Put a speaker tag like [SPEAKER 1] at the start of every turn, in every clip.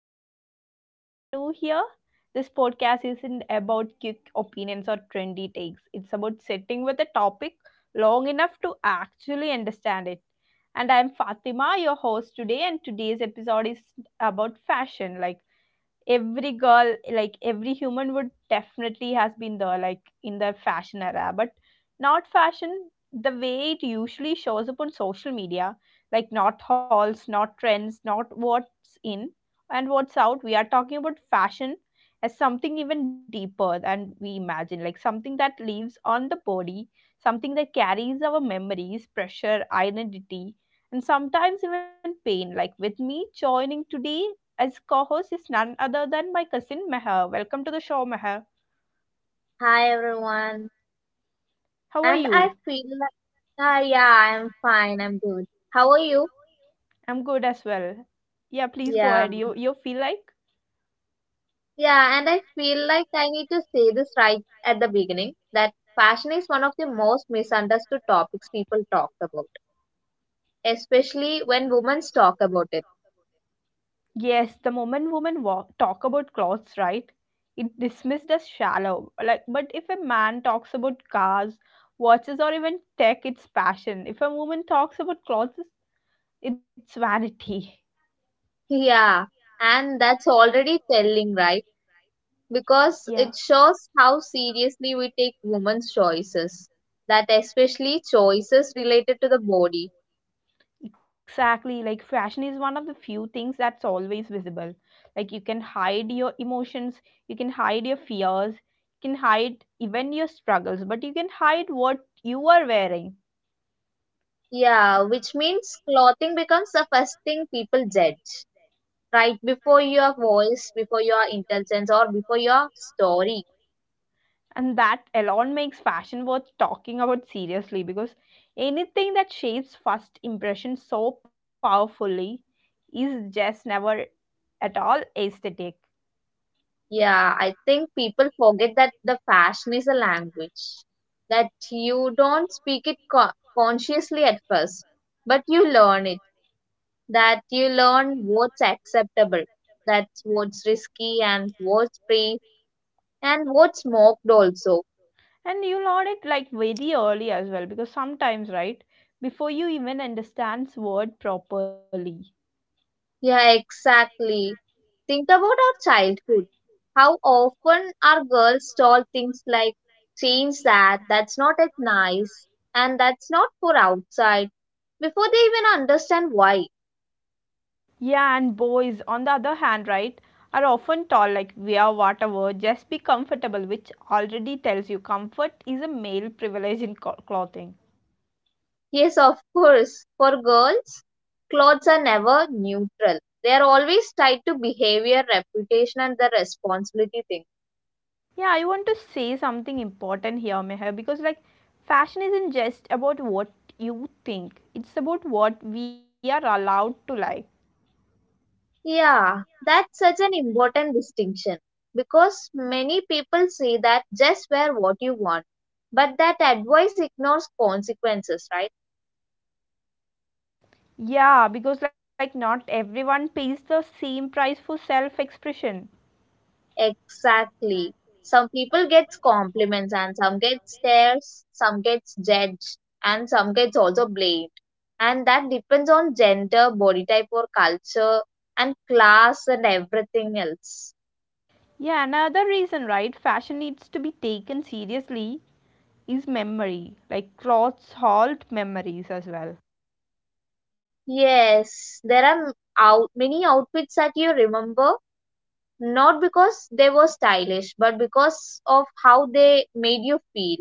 [SPEAKER 1] Unfiltered. Like, if you are new here, this podcast isn't about quick opinions or trendy takes. It's about sitting with a topic long enough to actually understand it. And I'm Fatima, your host today, and today's episode is about fashion. Like, every girl like every human would definitely has been there like in the fashion era, but not fashion the way it usually shows up on social media, like not hauls, not trends, not what's in and what's out. We are talking about fashion as something even deeper than we imagine, like something that lives on the body, something that carries our memories, pressure, identity, and sometimes even pain. Like, with me joining today as co host is none other than my cousin Meher. Welcome to the show, Meher.
[SPEAKER 2] Hi everyone.
[SPEAKER 1] How are
[SPEAKER 2] And I
[SPEAKER 1] you?
[SPEAKER 2] feel like yeah, I'm fine. I'm good. How are you?
[SPEAKER 1] I'm good as well. Yeah, please go
[SPEAKER 2] Yeah.
[SPEAKER 1] ahead. You feel like?
[SPEAKER 2] Yeah, and I feel like I need to say this right at the beginning that fashion is one of the most misunderstood topics people talk about, especially when women talk about it.
[SPEAKER 1] Yes, the moment women walk, talk about clothes, right? It's dismissed as shallow. Like, but if a man talks about cars, watches, or even tech, it's passion. If a woman talks about clothes, it's vanity.
[SPEAKER 2] Yeah, and that's already telling, right? Because it
[SPEAKER 1] Yeah.
[SPEAKER 2] shows how seriously we take women's choices, that especially choices related to the body.
[SPEAKER 1] Exactly. Like, fashion is one of the few things that's always visible. Like, you can hide your emotions, you can hide your fears, you can hide even your struggles, but you can hide what you are wearing.
[SPEAKER 2] Yeah, which means clothing becomes the first thing people judge, right? Before your voice, before your intelligence, or before your story.
[SPEAKER 1] And that alone makes fashion worth talking about seriously, because anything that shapes first impression so powerfully is just never at all aesthetic.
[SPEAKER 2] Yeah, I think people forget that the fashion is a language, that you don't speak it consciously at first, but you learn it, that you learn what's acceptable, that's what's risky, and what's praised, and what's mocked also.
[SPEAKER 1] And you'll learn it like very early as well, because sometimes, right, before you even understands word properly.
[SPEAKER 2] Yeah, exactly. Think about our childhood. How often our girls told things like, change that, that's not at nice, and that's not for outside, before they even understand why.
[SPEAKER 1] Yeah, and boys, on the other hand, right, are often tall like wear whatever, just be comfortable, which already tells you comfort is a male privilege in clothing.
[SPEAKER 2] Yes, of course, for girls, clothes are never neutral. They are always tied to behavior, reputation, and the responsibility thing.
[SPEAKER 1] Yeah, I want to say something important here, Meher, because like fashion isn't just about what you think, it's about what we are allowed to like.
[SPEAKER 2] Yeah, that's such an important distinction because many people say that just wear what you want, but that advice ignores consequences, right?
[SPEAKER 1] Yeah, because like not everyone pays the same price for self expression.
[SPEAKER 2] Exactly. Some people get compliments and some get stares, some gets judged and some gets also blamed. And that depends on gender, body type or culture and class and everything else.
[SPEAKER 1] Yeah, another reason, right? Fashion needs to be taken seriously is memory. Like, clothes hold memories as well.
[SPEAKER 2] Yes, there are m- out many outfits that you remember. Not because they were stylish, but because of how they made you feel.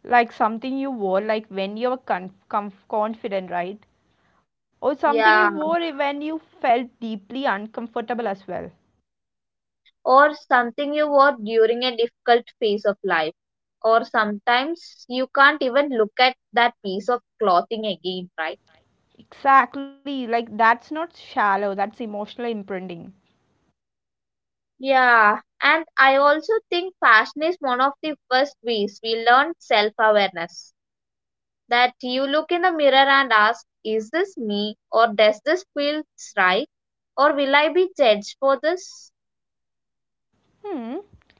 [SPEAKER 1] Like something you wore, like when you were confident, right? Or something you
[SPEAKER 2] Yeah,
[SPEAKER 1] wore when you felt deeply uncomfortable as well.
[SPEAKER 2] or something you wore during a difficult phase of life. Or sometimes you can't even look at that piece of clothing again, right?
[SPEAKER 1] Exactly, like that's not shallow, that's emotional imprinting.
[SPEAKER 2] Yeah, and I also think fashion is one of the first ways we learn self awareness. That you look in the mirror and ask, is this me? Or does this feel right? Or will I be judged for this?
[SPEAKER 1] Hmm.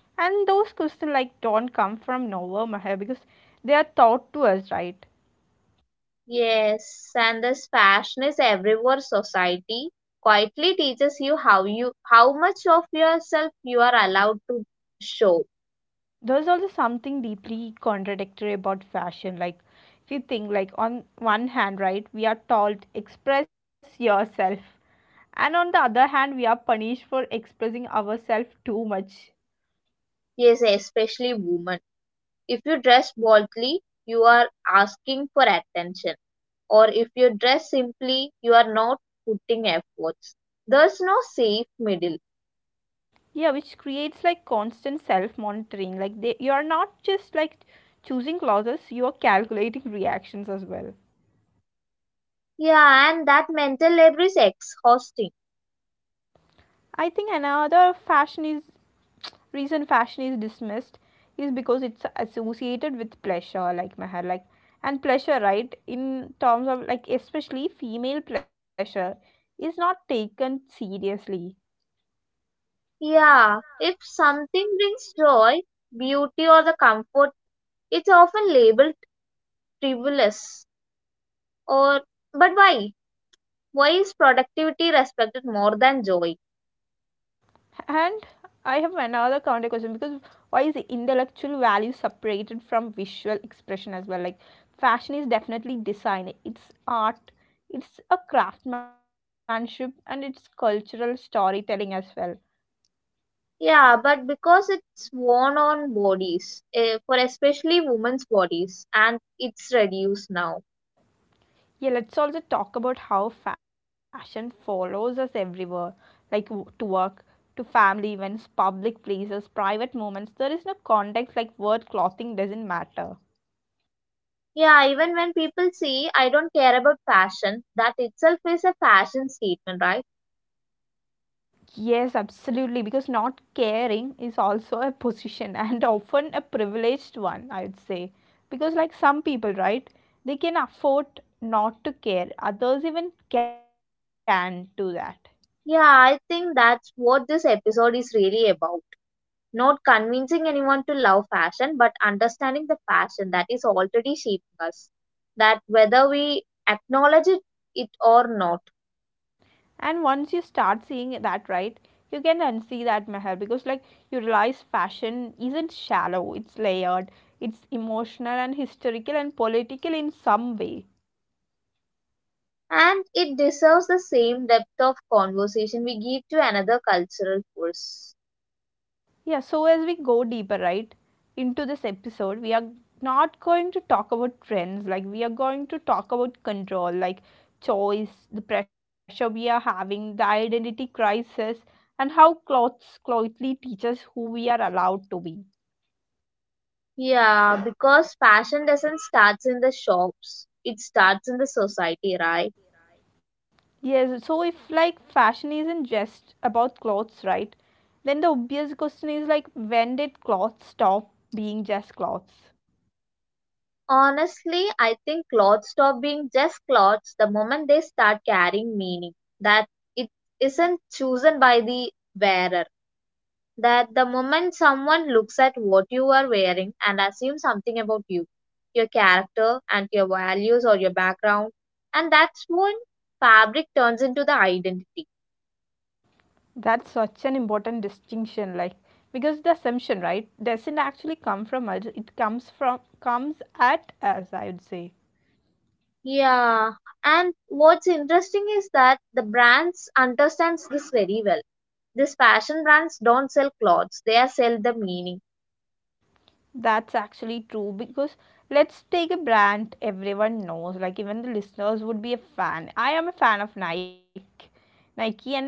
[SPEAKER 1] And those questions like don't come from nowhere, Maher, because they are taught to us, right?
[SPEAKER 2] Yes, and this passion is everywhere society quietly teaches you how much of yourself you are allowed to show.
[SPEAKER 1] There's also something deeply contradictory about fashion. Like, if you think like on one hand, right, we are told express yourself. And on the other hand, we are punished for expressing ourselves too much.
[SPEAKER 2] Yes, especially women. If you dress boldly, you are asking for attention. Or if you dress simply, you are not putting efforts. There's no safe middle.
[SPEAKER 1] Yeah, which creates like constant self monitoring, like they you are not just like choosing clothes, you are calculating reactions as well.
[SPEAKER 2] Yeah, and that mental labor is exhausting.
[SPEAKER 1] I think another fashion is reason fashion is dismissed is because it's associated with pleasure, like Meher, like. And pleasure, right, in terms of like especially female pleasure is not taken seriously.
[SPEAKER 2] Yeah, if something brings joy, beauty or the comfort, it's often labeled frivolous, or, but why is productivity respected more than joy?
[SPEAKER 1] And I have another counter question, because why is the intellectual value separated from visual expression as well? Like, fashion is definitely design, it's art, it's a craftsmanship, and it's cultural storytelling as well.
[SPEAKER 2] Yeah, but because it's worn on bodies, eh, for especially women's bodies, and it's reduced now.
[SPEAKER 1] Yeah, let's also talk about how fashion follows us everywhere, like to work, to family events, public places, private moments. There is no context like word clothing doesn't matter.
[SPEAKER 2] Yeah, even when people say I don't care about fashion, that itself is a fashion statement, right?
[SPEAKER 1] Yes, absolutely, because not caring is also a position and often a privileged one, I would say. Because, like, some people, right, they can afford not to care, others even can do that.
[SPEAKER 2] Yeah, I think that's what this episode is really about, not convincing anyone to love fashion, but understanding the fashion that is already shaping us, that whether we acknowledge it, or not.
[SPEAKER 1] And once you start seeing that, right, you can unsee that, Meher, because, like, you realize fashion isn't shallow, it's layered, it's emotional and historical and political in some way.
[SPEAKER 2] And it deserves the same depth of conversation we give to another cultural force.
[SPEAKER 1] Yeah, so as we go deeper, right, into this episode, we are not going to talk about trends. Like, we are going to talk about control, like choice, the pressure we are having, the identity crisis, and how clothes clothely teach us who we are allowed to be.
[SPEAKER 2] Yeah, because fashion doesn't start in the shops, it starts in the society, right?
[SPEAKER 1] Yes, so if like fashion isn't just about clothes, right, then the obvious question is like, when did clothes stop being just clothes?
[SPEAKER 2] Honestly, I think clothes stop being just clothes the moment they start carrying meaning. That it isn't chosen by the wearer, that the moment someone looks at what you are wearing and assumes something about you, your character, and your values or your background, and that's when fabric turns into the identity.
[SPEAKER 1] That's such an important distinction, like because the assumption, right, doesn't actually come from us. It comes from comes at us, I would say.
[SPEAKER 2] Yeah, and what's interesting is that the brands understands this very well. These fashion brands don't sell clothes; they are sell the meaning.
[SPEAKER 1] That's actually true, because let's take a brand everyone knows, like even the listeners would be a fan. I am a fan of Nike. Nike and Nike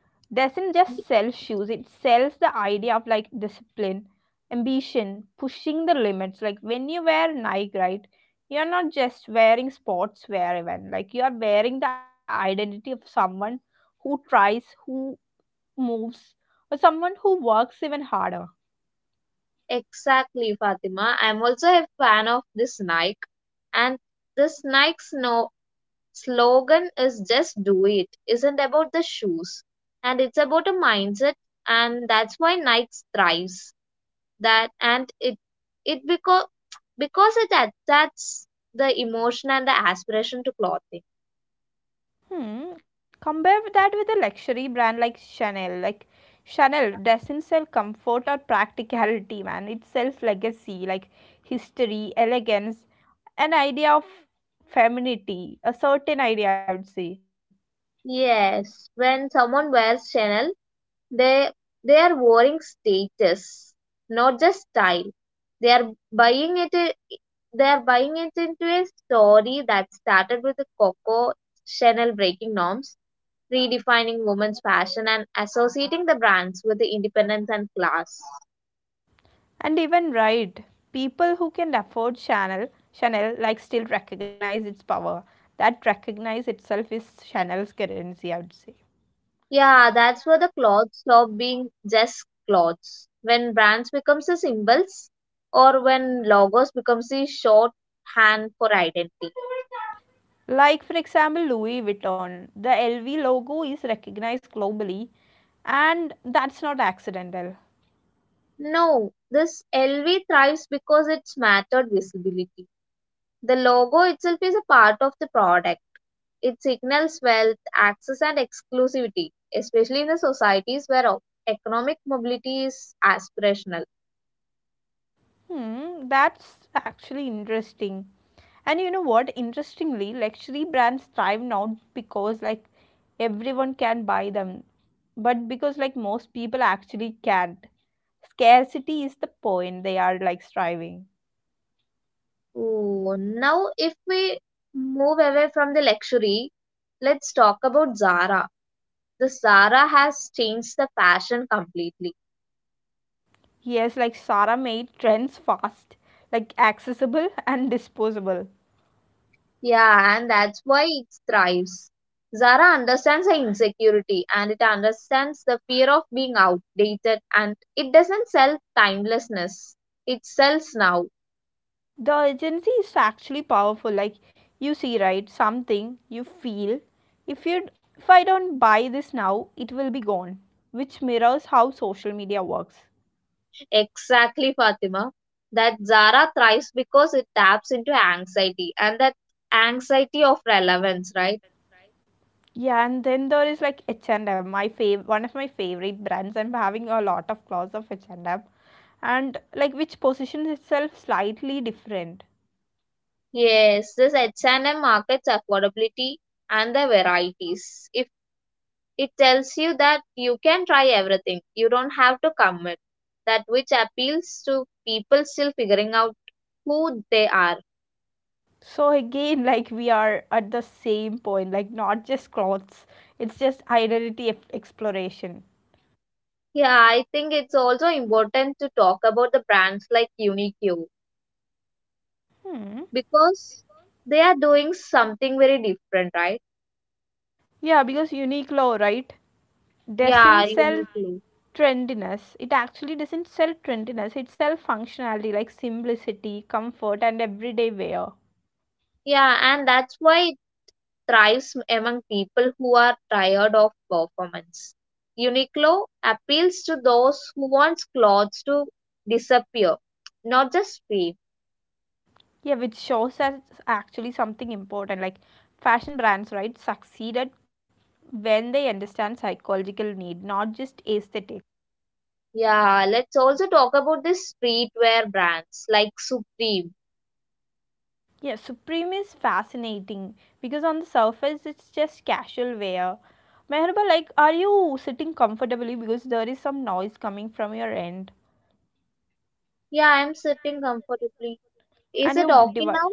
[SPEAKER 1] doesn't just sell shoes, it sells the idea of like discipline, ambition, pushing the limits. Like, when you wear Nike, right, you're not just wearing sportswear, even like you are wearing the identity of someone who tries, who moves, or someone who works even harder.
[SPEAKER 2] Exactly, Fatima. I'm also a fan of this Nike, and this Nike's no slogan is just do it, isn't about the shoes, and it's about a mindset, and that's why Nike thrives, that, and it because it attacks the emotion and the aspiration to clothing.
[SPEAKER 1] Hmm. Compare that with a luxury brand like Chanel. Like, Chanel doesn't sell comfort or practicality, man. It sells legacy, like history, elegance, an idea of femininity, a certain idea, I would say.
[SPEAKER 2] Yes, when someone wears Chanel, they they are wearing status, not just style. They are buying it i- they are buying it into a story that started with the Coco Chanel breaking norms, redefining women's fashion and associating the brands with the independence and class.
[SPEAKER 1] And even right, people who can afford Chanel, like still recognize its power. That recognize itself is Chanel's currency, I would say.
[SPEAKER 2] Yeah, that's where the clothes stop being just clothes. When brands becomes the symbols or when logos becomes the shorthand for identity.
[SPEAKER 1] Like, for example, Louis Vuitton. The LV logo is recognized globally, and that's not accidental.
[SPEAKER 2] No, this LV thrives because it's mattered visibility. The logo itself is a part of the product. It signals wealth, access, and exclusivity, especially in the societies where economic mobility is aspirational.
[SPEAKER 1] Hmm, that's actually interesting. And you know what? Interestingly, luxury brands thrive not because like everyone can buy them, but because like most people actually can't. Scarcity is the point they are like striving.
[SPEAKER 2] Ooh, now, if we move away from the luxury, let's talk about Zara. The Zara has changed the fashion completely.
[SPEAKER 1] Yes, like Sarah made trends fast, like accessible and disposable.
[SPEAKER 2] Yeah, and that's why it thrives. Zara understands the insecurity and it understands the fear of being outdated and it doesn't sell timelessness. It sells now.
[SPEAKER 1] The agency is actually powerful. Like, you see, right? Something you feel. If I don't buy this now, it will be gone. Which mirrors how social media works.
[SPEAKER 2] Exactly, Fatima. That Zara thrives because it taps into anxiety, and that anxiety of relevance, right?
[SPEAKER 1] Yeah, and then there is like H&M, my fav one of my favorite brands. I'm having a lot of clothes of H&M, and like which positions itself slightly different.
[SPEAKER 2] Yes, this H&M markets affordability and the varieties. If it tells you that you can try everything, you don't have to commit. That which appeals to people still figuring out who they are.
[SPEAKER 1] So again, like we are at the same point, like not just clothes, it's just identity exploration.
[SPEAKER 2] Yeah, I think it's also important to talk about the brands like Uniqlo
[SPEAKER 1] Hmm.
[SPEAKER 2] because they are doing something very different, right?
[SPEAKER 1] Yeah, because Uniqlo, right,
[SPEAKER 2] Yeah,
[SPEAKER 1] doesn't sell
[SPEAKER 2] uniquely.
[SPEAKER 1] trendiness. It actually doesn't sell trendiness. It sells functionality like simplicity, comfort, and everyday wear.
[SPEAKER 2] Yeah, and that's why it thrives among people who are tired of performance. Uniqlo appeals to those who want clothes to disappear, not just fade.
[SPEAKER 1] Yeah, which shows us actually something important. Like, fashion brands, right, succeeded when they understand psychological need, not just aesthetic.
[SPEAKER 2] Yeah, let's also talk about the streetwear brands like Supreme.
[SPEAKER 1] Yeah, Supreme is fascinating because on the surface it's just casual wear. Meherba, like, are you sitting comfortably because there is some noise coming from your end?
[SPEAKER 2] Yeah, I'm sitting comfortably. Is
[SPEAKER 1] And
[SPEAKER 2] it
[SPEAKER 1] your
[SPEAKER 2] okay
[SPEAKER 1] device,
[SPEAKER 2] now?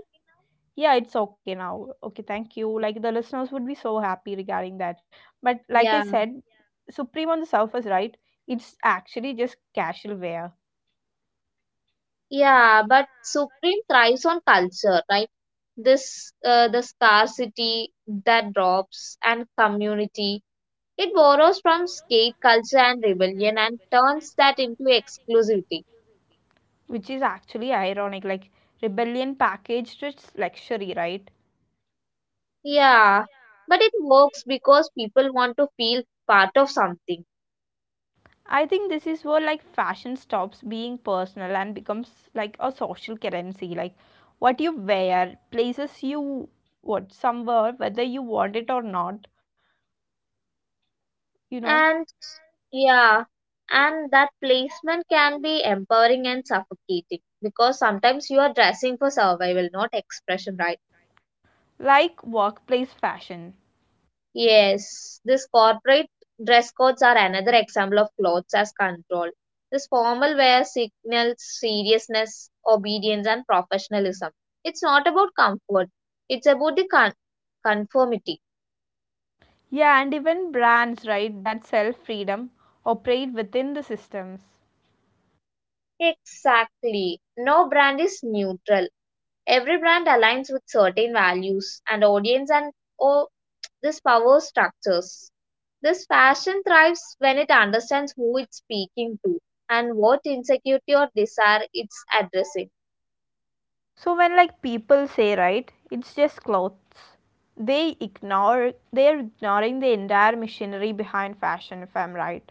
[SPEAKER 1] yeah, it's okay now. Okay, thank you. Like, the listeners would be so happy regarding that. But like I
[SPEAKER 2] Yeah.
[SPEAKER 1] said, Supreme on the surface, right, it's actually just casual wear.
[SPEAKER 2] Yeah, but Supreme thrives on culture, right? This, the scarcity that drops and community, it borrows from skate culture and rebellion and turns that into exclusivity.
[SPEAKER 1] Which is actually ironic, like rebellion packaged its luxury, right?
[SPEAKER 2] Yeah, but it works because people want to feel part of something.
[SPEAKER 1] I think this is where like fashion stops being personal and becomes like a social currency, like what you wear places you what somewhere whether you want it or not, you know.
[SPEAKER 2] And yeah, and that placement can be empowering and suffocating because sometimes you are dressing for survival, not expression, right?
[SPEAKER 1] Like workplace fashion.
[SPEAKER 2] Yes, this corporate dress codes are another example of clothes as control. This formal wear signals seriousness, obedience, and professionalism. It's not about comfort, it's about the conformity.
[SPEAKER 1] Yeah, and even brands, right, that sell freedom operate within the systems.
[SPEAKER 2] Exactly. No brand is neutral. Every brand aligns with certain values and audience and, or these power structures. This fashion thrives when it understands who it's speaking to and what insecurity or desire it's addressing.
[SPEAKER 1] So when like people say, right, it's just clothes, they're ignoring the entire machinery behind fashion if I'm right.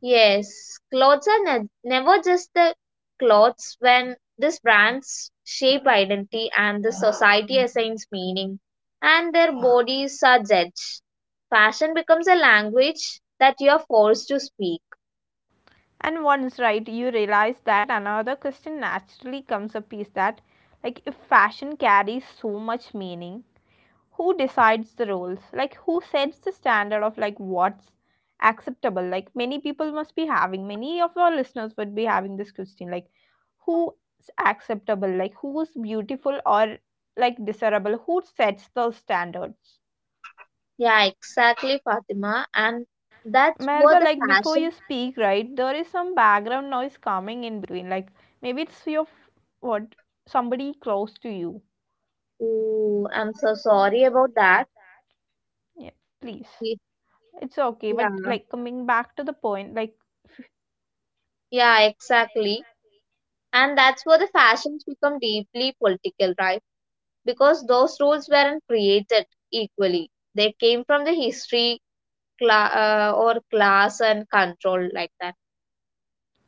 [SPEAKER 2] Yes, clothes are never just the clothes when these brands shape identity and the society assigns meaning, and their bodies are judged. Fashion becomes a language that you are forced to speak.
[SPEAKER 1] And once right, you realize that another question naturally comes up is that like if fashion carries so much meaning, who decides the roles, like who sets the standard of like what's acceptable. Like, many people must be having, many of our listeners would be having this question, like who's acceptable, like who's beautiful or like desirable, who sets those standards.
[SPEAKER 2] Yeah, exactly, Fatima. And that's where
[SPEAKER 1] Merba,
[SPEAKER 2] the
[SPEAKER 1] like before you
[SPEAKER 2] fashion.
[SPEAKER 1] speak, right, there is some background noise coming in between. Like, maybe it's your what somebody close to you.
[SPEAKER 2] Oh, I'm so sorry about that.
[SPEAKER 1] Yeah, please.
[SPEAKER 2] Ye-
[SPEAKER 1] It's okay,
[SPEAKER 2] Yeah,
[SPEAKER 1] but like coming back to the point, like
[SPEAKER 2] yeah, exactly. And that's where the fashions become deeply political, right? Because those rules weren't created equally. They came from the history, or class and control like that.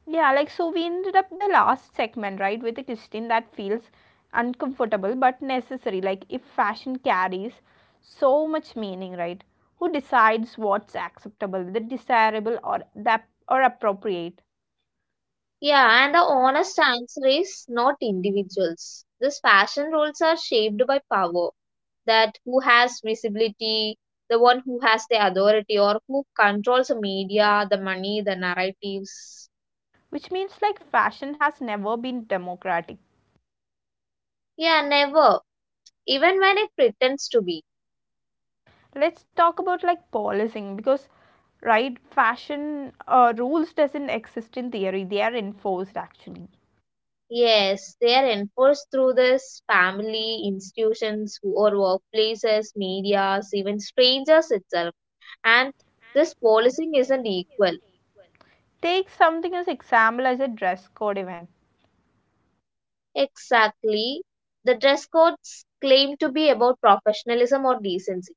[SPEAKER 1] yeah, like so we ended up the last segment, right, with a question that feels uncomfortable but necessary. Like, if fashion carries so much meaning, right? Who decides what's acceptable, the desirable or that or appropriate?
[SPEAKER 2] Yeah, and the honest answer is not individuals. These fashion rules are shaped by power, that who has visibility, the one who has the authority, or who controls the media, the money, the narratives.
[SPEAKER 1] Which means like fashion has never been democratic.
[SPEAKER 2] Yeah, never. Even when it pretends to be.
[SPEAKER 1] Let's talk about like policing, because right, fashion rules doesn't exist in theory. They are enforced actually.
[SPEAKER 2] Yes, they are enforced through this family, institutions, or workplaces, medias, even strangers itself. And this policing isn't equal.
[SPEAKER 1] Take something as example as a dress code event.
[SPEAKER 2] Exactly. The dress codes claim to be about professionalism or decency.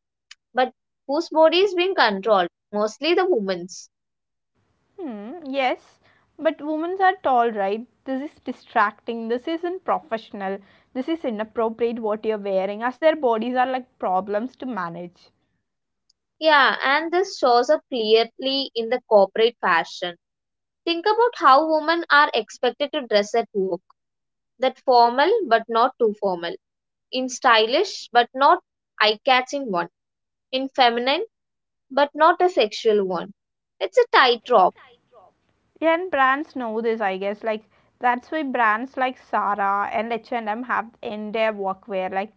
[SPEAKER 2] But whose body is being controlled? Mostly the women's.
[SPEAKER 1] Hmm, yes, but women are tall, right? This is distracting. This isn't professional. This is inappropriate what you're wearing, as their bodies are like problems to manage.
[SPEAKER 2] Yeah, and this shows up clearly in the corporate fashion. Think about how women are expected to dress at work. That formal but not too formal. In stylish but not eye-catching one. In feminine but not a sexual one. It's a tightrope.
[SPEAKER 1] Yeah, and brands know this, I guess. Like, that's why brands like Zara and H&M have in their workwear like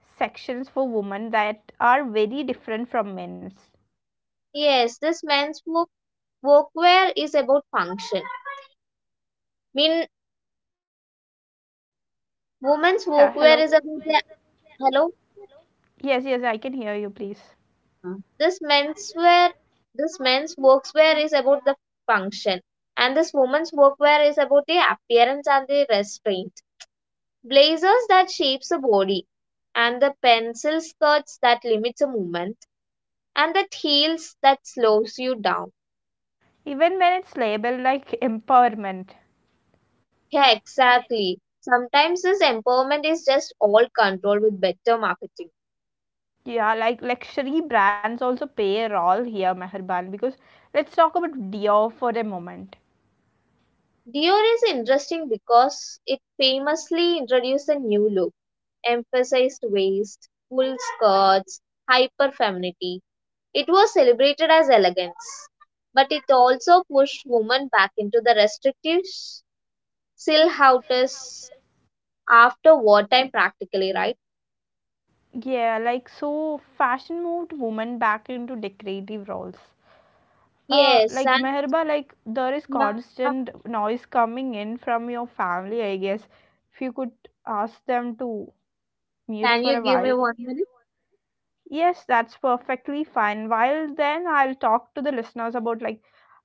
[SPEAKER 1] sections for women that are very different from men's.
[SPEAKER 2] Yes, this men's work workwear is about function. Women's
[SPEAKER 1] Yeah,
[SPEAKER 2] workwear
[SPEAKER 1] hello.
[SPEAKER 2] is about the hello.
[SPEAKER 1] Yes, yes, I can hear you, please.
[SPEAKER 2] This menswear, this men's workwear is about the function, and this woman's workwear is about the appearance and the restraint. Blazers that shapes the body, and the pencil skirts that limits the movement, and the heels that slows you down.
[SPEAKER 1] Even when it's labeled like empowerment,
[SPEAKER 2] Yeah, exactly. Sometimes this empowerment is just all control with better marketing.
[SPEAKER 1] yeah, like luxury brands also play a role here, Meherban, because let's talk about Dior for a moment.
[SPEAKER 2] Dior is interesting because it famously introduced a new look, emphasized waist, full skirts, hyper femininity. It was celebrated as elegance, but it also pushed women back into the restrictive silhouettes after wartime, practically, right?
[SPEAKER 1] Yeah, like so fashion moved women back into decorative roles.
[SPEAKER 2] Yes,
[SPEAKER 1] Like
[SPEAKER 2] and
[SPEAKER 1] Meherba, like there is
[SPEAKER 2] yeah,
[SPEAKER 1] constant noise coming in from your family, I guess. If you could ask them to mute
[SPEAKER 2] can you
[SPEAKER 1] for a
[SPEAKER 2] give me
[SPEAKER 1] while.
[SPEAKER 2] one minute?
[SPEAKER 1] Yes, that's perfectly fine. While then I'll talk to the listeners about like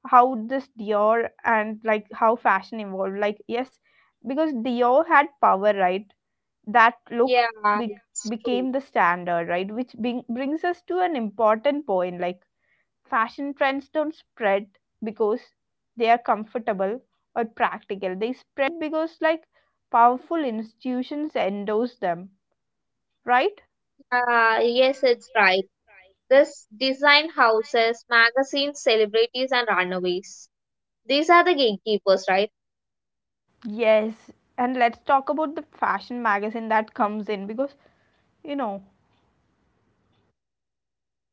[SPEAKER 1] how this Dior and like how fashion evolved. Like, yes, because Dior had power, right? That look
[SPEAKER 2] Yeah,
[SPEAKER 1] be-
[SPEAKER 2] it's
[SPEAKER 1] became
[SPEAKER 2] true.
[SPEAKER 1] the standard, right? Which brings us to an important point. Like fashion trends don't spread because they are comfortable or practical. They spread because powerful institutions endorse them, right?
[SPEAKER 2] Yes, it's right. This design houses, magazines, celebrities, and runaways. These are the gatekeepers, right?
[SPEAKER 1] Yes, and let's talk about the fashion magazine that comes in because you know,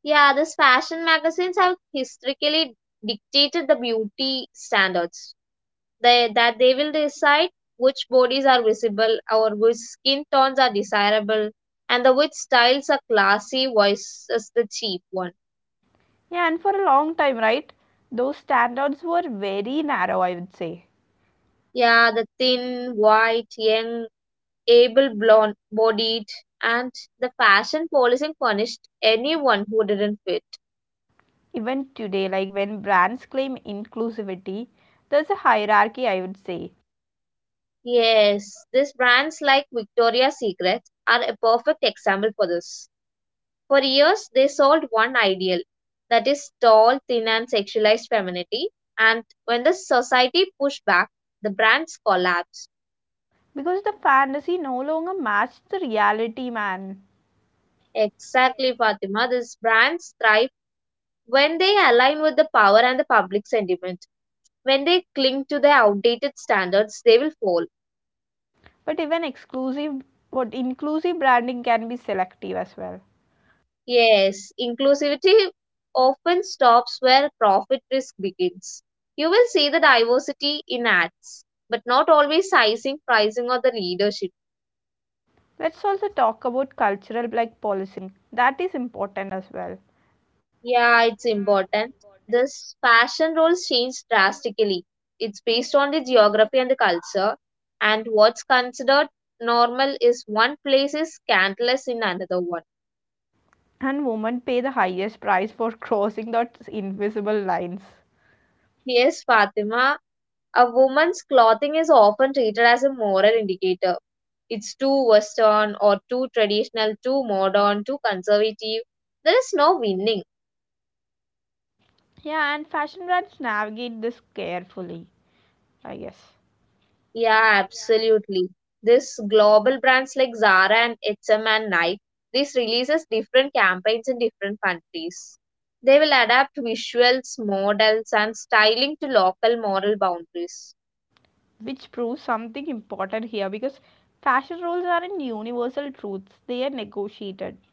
[SPEAKER 2] Yeah, these fashion magazines have historically dictated the beauty standards. They, that they will decide which bodies are visible or which skin tones are desirable and the which styles are classy versus the cheap one.
[SPEAKER 1] yeah, and for a long time, right? Those standards were very narrow, I would say.
[SPEAKER 2] Yeah, the thin, white, young, able blonde bodied, and the fashion policing punished anyone who didn't fit.
[SPEAKER 1] Even today, like when brands claim inclusivity, there's a hierarchy, I would say,
[SPEAKER 2] Yes, these brands like Victoria's Secret are a perfect example for this. For years, they sold one ideal that is tall, thin, and sexualized femininity. And when the society pushed back, the brands collapsed.
[SPEAKER 1] because the fantasy no longer matched the reality, man.
[SPEAKER 2] Exactly, Fatima. These brands thrive when they align with the power and the public sentiment. When they cling to their outdated standards, they will fall.
[SPEAKER 1] But even exclusive, what inclusive branding can be selective as well.
[SPEAKER 2] Yes, inclusivity often stops where profit risk begins. You will see the diversity in ads, but not always sizing, pricing, or the leadership.
[SPEAKER 1] Let's also talk about cultural like policing. That is important as well,
[SPEAKER 2] Yeah, it's important. This fashion roles change drastically. It's based on the geography and the culture, and what's considered normal is one place is scandalous in another one.
[SPEAKER 1] and women pay the highest price for crossing those invisible lines.
[SPEAKER 2] Yes, Fatima, a woman's clothing is often treated as a moral indicator. It's too Western or too traditional, too modern, too conservative. There is no winning.
[SPEAKER 1] Yeah, and fashion brands navigate this carefully, I guess.
[SPEAKER 2] Yeah, absolutely. This global brands like Zara and H&M and M and Nike, this releases different campaigns in different countries. They will adapt visuals, models, and styling to local moral boundaries.
[SPEAKER 1] Which proves something important here because fashion rules aren't universal truths, they are negotiated.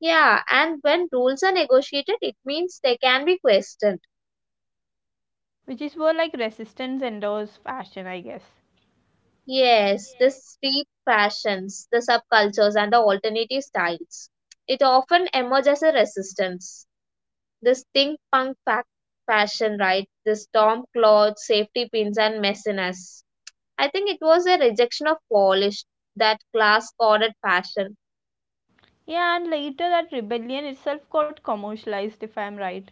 [SPEAKER 2] Yeah, and when rules are negotiated, it means they can be questioned.
[SPEAKER 1] Which is where like resistance endures fashion, I guess.
[SPEAKER 2] Yes, the street fashions, the subcultures, and the alternative styles. It often emerges as a resistance. This think fashion, right? The storm cloth, safety pins, and messiness. I think it was a rejection of polished, that class coded fashion.
[SPEAKER 1] Yeah, and later that rebellion itself got commercialized, if I'm right.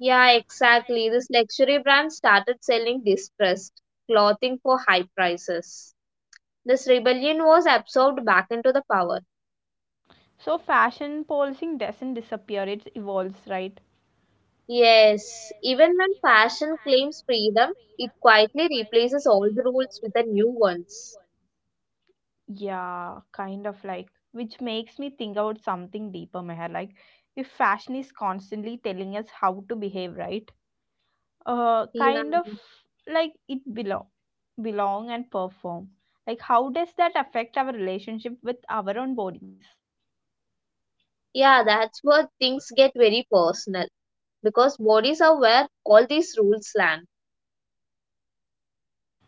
[SPEAKER 2] Yeah, exactly. This luxury brand started selling distressed clothing for high prices. This rebellion was absorbed back into the power.
[SPEAKER 1] So fashion policing doesn't disappear, it evolves, right?
[SPEAKER 2] Yes, even when fashion claims freedom, it quietly replaces old rules with the new ones.
[SPEAKER 1] Yeah, kind of like, which makes me think about something deeper, Meher. Like, if fashion is constantly telling us how to behave, right? Uh,
[SPEAKER 2] Yeah.
[SPEAKER 1] kind of like it belong, belong and perform. Like, how does that affect our relationship with our own bodies?
[SPEAKER 2] Yeah, that's where things get very personal because bodies are where all these rules land.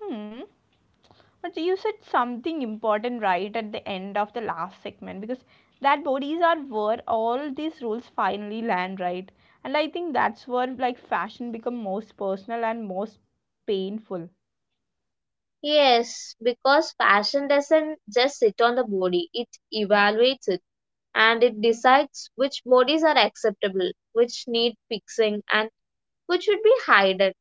[SPEAKER 1] Hmm. But you said something important right at the end of the last segment because that bodies are where all these rules finally land, right? And I think that's where like fashion become most personal and most painful.
[SPEAKER 2] Yes, because fashion doesn't just sit on the body, it evaluates it and it decides which bodies are acceptable, which need fixing, and which should be hidden.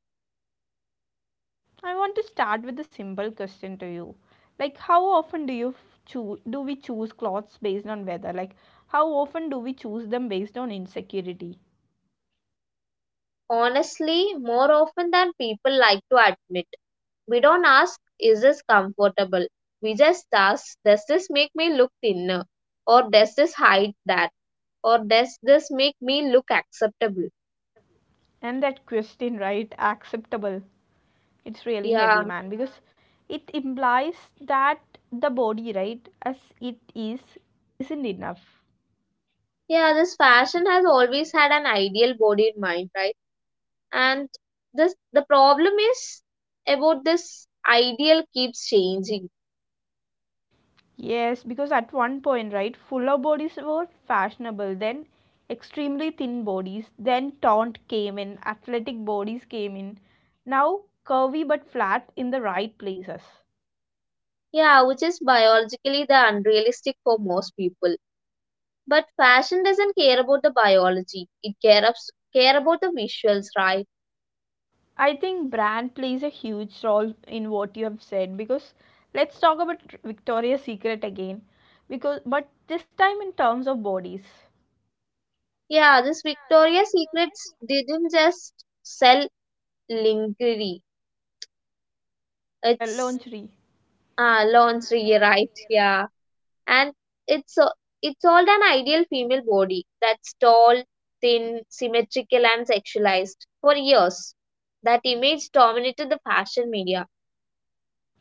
[SPEAKER 1] I want to start with a simple question to you. Like how often do you choose, do we choose clothes based on weather? Like how often do we choose them based on insecurity?
[SPEAKER 2] Honestly, more often than people like to admit. We don't ask, is this comfortable? We just ask, does this make me look thinner? Or does this hide that? Or does this make me look acceptable?
[SPEAKER 1] And that question, right? Acceptable. It's really
[SPEAKER 2] Yeah,
[SPEAKER 1] heavy, man, because it implies that the body, right, as it is, isn't enough.
[SPEAKER 2] yeah, this fashion has always had an ideal body in mind, right? And this the problem is about this ideal keeps changing.
[SPEAKER 1] Yes, because at one point, right, fuller bodies were fashionable, then extremely thin bodies, then taunt came in, athletic bodies came in, now curvy but flat in the right places.
[SPEAKER 2] Yeah, which is biologically the unrealistic for most people. But fashion doesn't care about the biology. It cares care about the visuals, right?
[SPEAKER 1] I think brand plays a huge role in what you have said because let's talk about Victoria's Secret again, because but this time in terms of bodies.
[SPEAKER 2] Yeah, this Victoria's Secrets didn't just sell lingerie. It's
[SPEAKER 1] Lingerie,
[SPEAKER 2] lingerie, right? Yeah, and it's a, it sold an ideal female body that's tall, thin, symmetrical, and sexualized for years. That image dominated the fashion media.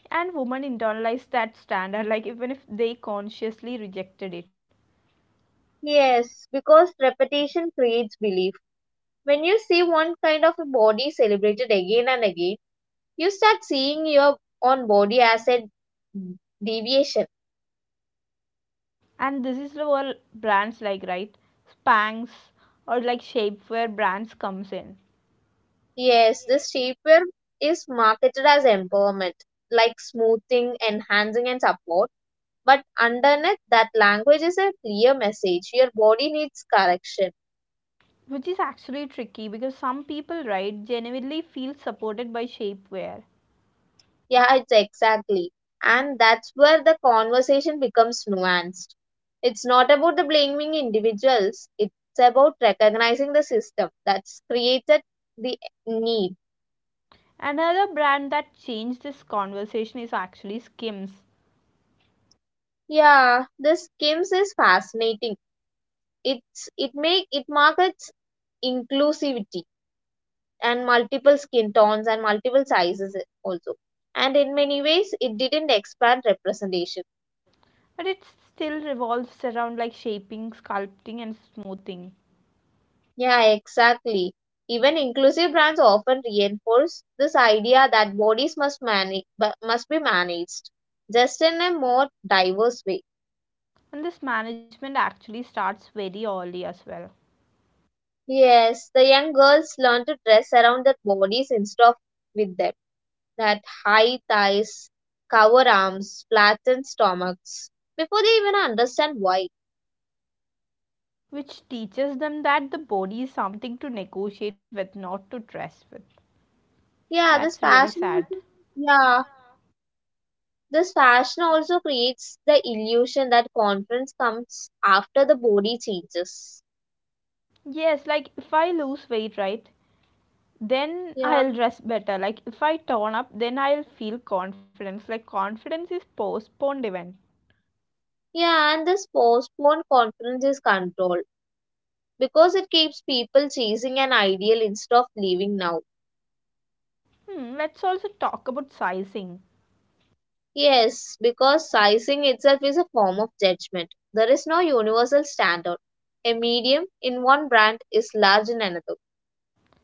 [SPEAKER 1] and women internalize that standard like even if they consciously rejected it.
[SPEAKER 2] Yes, because repetition creates belief. When you see one kind of a body celebrated again and again, you start seeing your own body as a deviation.
[SPEAKER 1] And this is where brands like, right, Spanx or like shapewear brands comes in,
[SPEAKER 2] Yes, this shapewear is marketed as empowerment, like smoothing, enhancing, and support. But underneath that language is a clear message. Your body needs correction.
[SPEAKER 1] which is actually tricky because some people, right, genuinely feel supported by shapewear.
[SPEAKER 2] Yeah, it's exactly. And that's where the conversation becomes nuanced. It's not about the blaming individuals, it's about recognizing the system that's created the need.
[SPEAKER 1] Another brand that changed this conversation is actually Skims,
[SPEAKER 2] Yeah, the skims is fascinating. It's it make it markets inclusivity and multiple skin tones and multiple sizes also. And in many ways, it didn't expand representation.
[SPEAKER 1] but it still revolves around like shaping, sculpting, and smoothing.
[SPEAKER 2] Yeah, exactly. Even inclusive brands often reinforce this idea that bodies must be managed, just in a more diverse way.
[SPEAKER 1] And this management actually starts very early as well,
[SPEAKER 2] Yes, the young girls learn to dress around their bodies instead of with them. That high thighs, cover arms, flattened stomachs, before they even understand why.
[SPEAKER 1] which teaches them that the body is something to negotiate with, not to dress with.
[SPEAKER 2] Yeah,
[SPEAKER 1] That's
[SPEAKER 2] this
[SPEAKER 1] really
[SPEAKER 2] fashion
[SPEAKER 1] sad.
[SPEAKER 2] also, yeah, this fashion also creates the illusion that conference comes after the body changes.
[SPEAKER 1] Yes, like if I lose weight, right? Then
[SPEAKER 2] Yeah.
[SPEAKER 1] I'll dress better. Like if I tone up, then I'll feel confidence. Like confidence is postponed event.
[SPEAKER 2] Yeah, and this postponed conference is controlled because it keeps people chasing an ideal instead of living now.
[SPEAKER 1] Hmm, let's also talk about sizing.
[SPEAKER 2] Yes, because sizing itself is a form of judgment. There is no universal standard. A medium in one brand is large in another.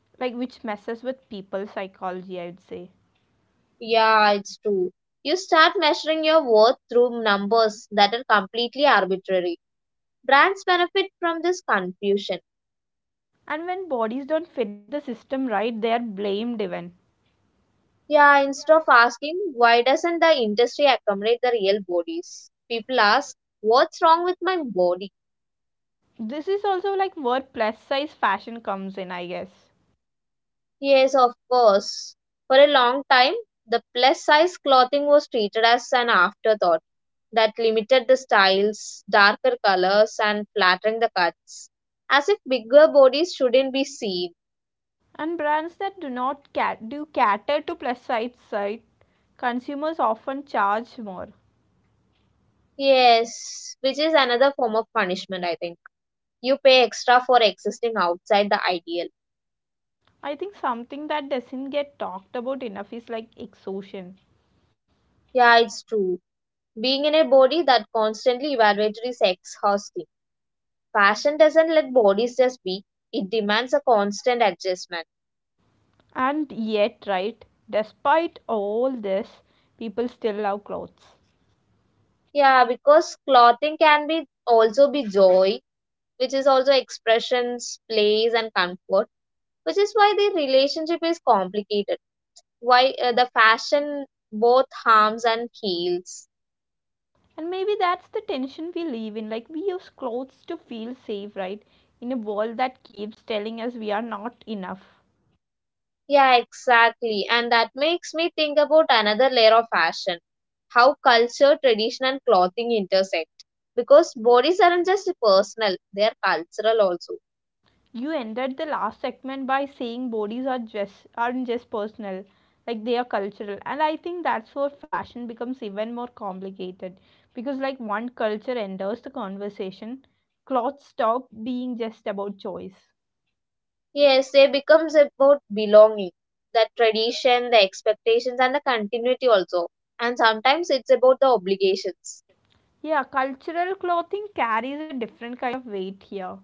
[SPEAKER 1] Like which messes with people's psychology, I would say.
[SPEAKER 2] Yeah, it's true. You start measuring your worth through numbers that are completely arbitrary. Brands benefit from this confusion.
[SPEAKER 1] And when bodies don't fit the system, right, they are blamed even.
[SPEAKER 2] Yeah, instead of asking, why doesn't the industry accommodate the real bodies? People ask, what's wrong with my body?
[SPEAKER 1] This is also like where plus size fashion comes in, I guess.
[SPEAKER 2] Yes, of course. For a long time, the plus size clothing was treated as an afterthought that limited the styles, darker colors, and flattering the cuts, as if bigger bodies shouldn't be seen.
[SPEAKER 1] And brands that do not cat- do cater to plus size side, consumers often charge more.
[SPEAKER 2] Yes, which is another form of punishment, I think. You pay extra for existing outside the ideal.
[SPEAKER 1] I think something that doesn't get talked about enough is like exhaustion.
[SPEAKER 2] Yeah, it's true. Being in a body that constantly evaluated is exhausting. Fashion doesn't let bodies just be, it demands a constant adjustment.
[SPEAKER 1] And yet, right, despite all this, people still love clothes.
[SPEAKER 2] Yeah, because clothing can be also be joy, which is also expressions, plays, and comfort, which is why the relationship is complicated. Why the fashion both harms and heals.
[SPEAKER 1] And maybe that's the tension we live in. Like, we use clothes to feel safe, right? In a world that keeps telling us we are not enough.
[SPEAKER 2] Yeah, exactly. And that makes me think about another layer of fashion how culture, tradition, and clothing intersect. Because bodies aren't just personal, they are cultural also.
[SPEAKER 1] You ended the last segment by saying bodies are just, aren't just personal, like they are cultural. And I think that's where fashion becomes even more complicated. Because, like, one culture enters the conversation, clothes stop being just about choice.
[SPEAKER 2] Yes, they becomes about belonging, the tradition, the expectations, and the continuity also. And sometimes it's about the obligations.
[SPEAKER 1] Yeah, cultural clothing carries a different kind of weight here.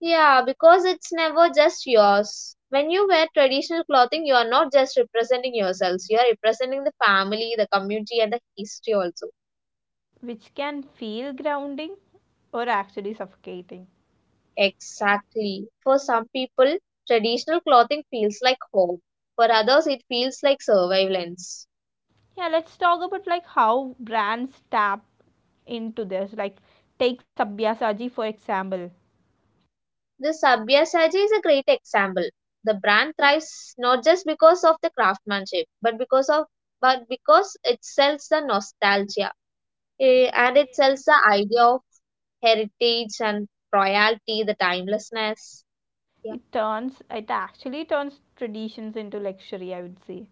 [SPEAKER 2] Yeah, because it's never just yours. When you wear traditional clothing, you are not just representing yourselves, you are representing the family, the community, and the history also.
[SPEAKER 1] Which can feel grounding or actually suffocating.
[SPEAKER 2] Exactly. For some people, traditional clothing feels like home. For others, it feels like surveillance.
[SPEAKER 1] Yeah, let's talk about like how brands tap into this. Like take Sabya Saji for example.
[SPEAKER 2] The Sabyasachi is a great example. The brand thrives not just because of the craftsmanship, but because of but because it sells the nostalgia and it sells the idea of heritage and royalty, the timelessness. Yeah.
[SPEAKER 1] It turns, it actually turns traditions into luxury, I would say.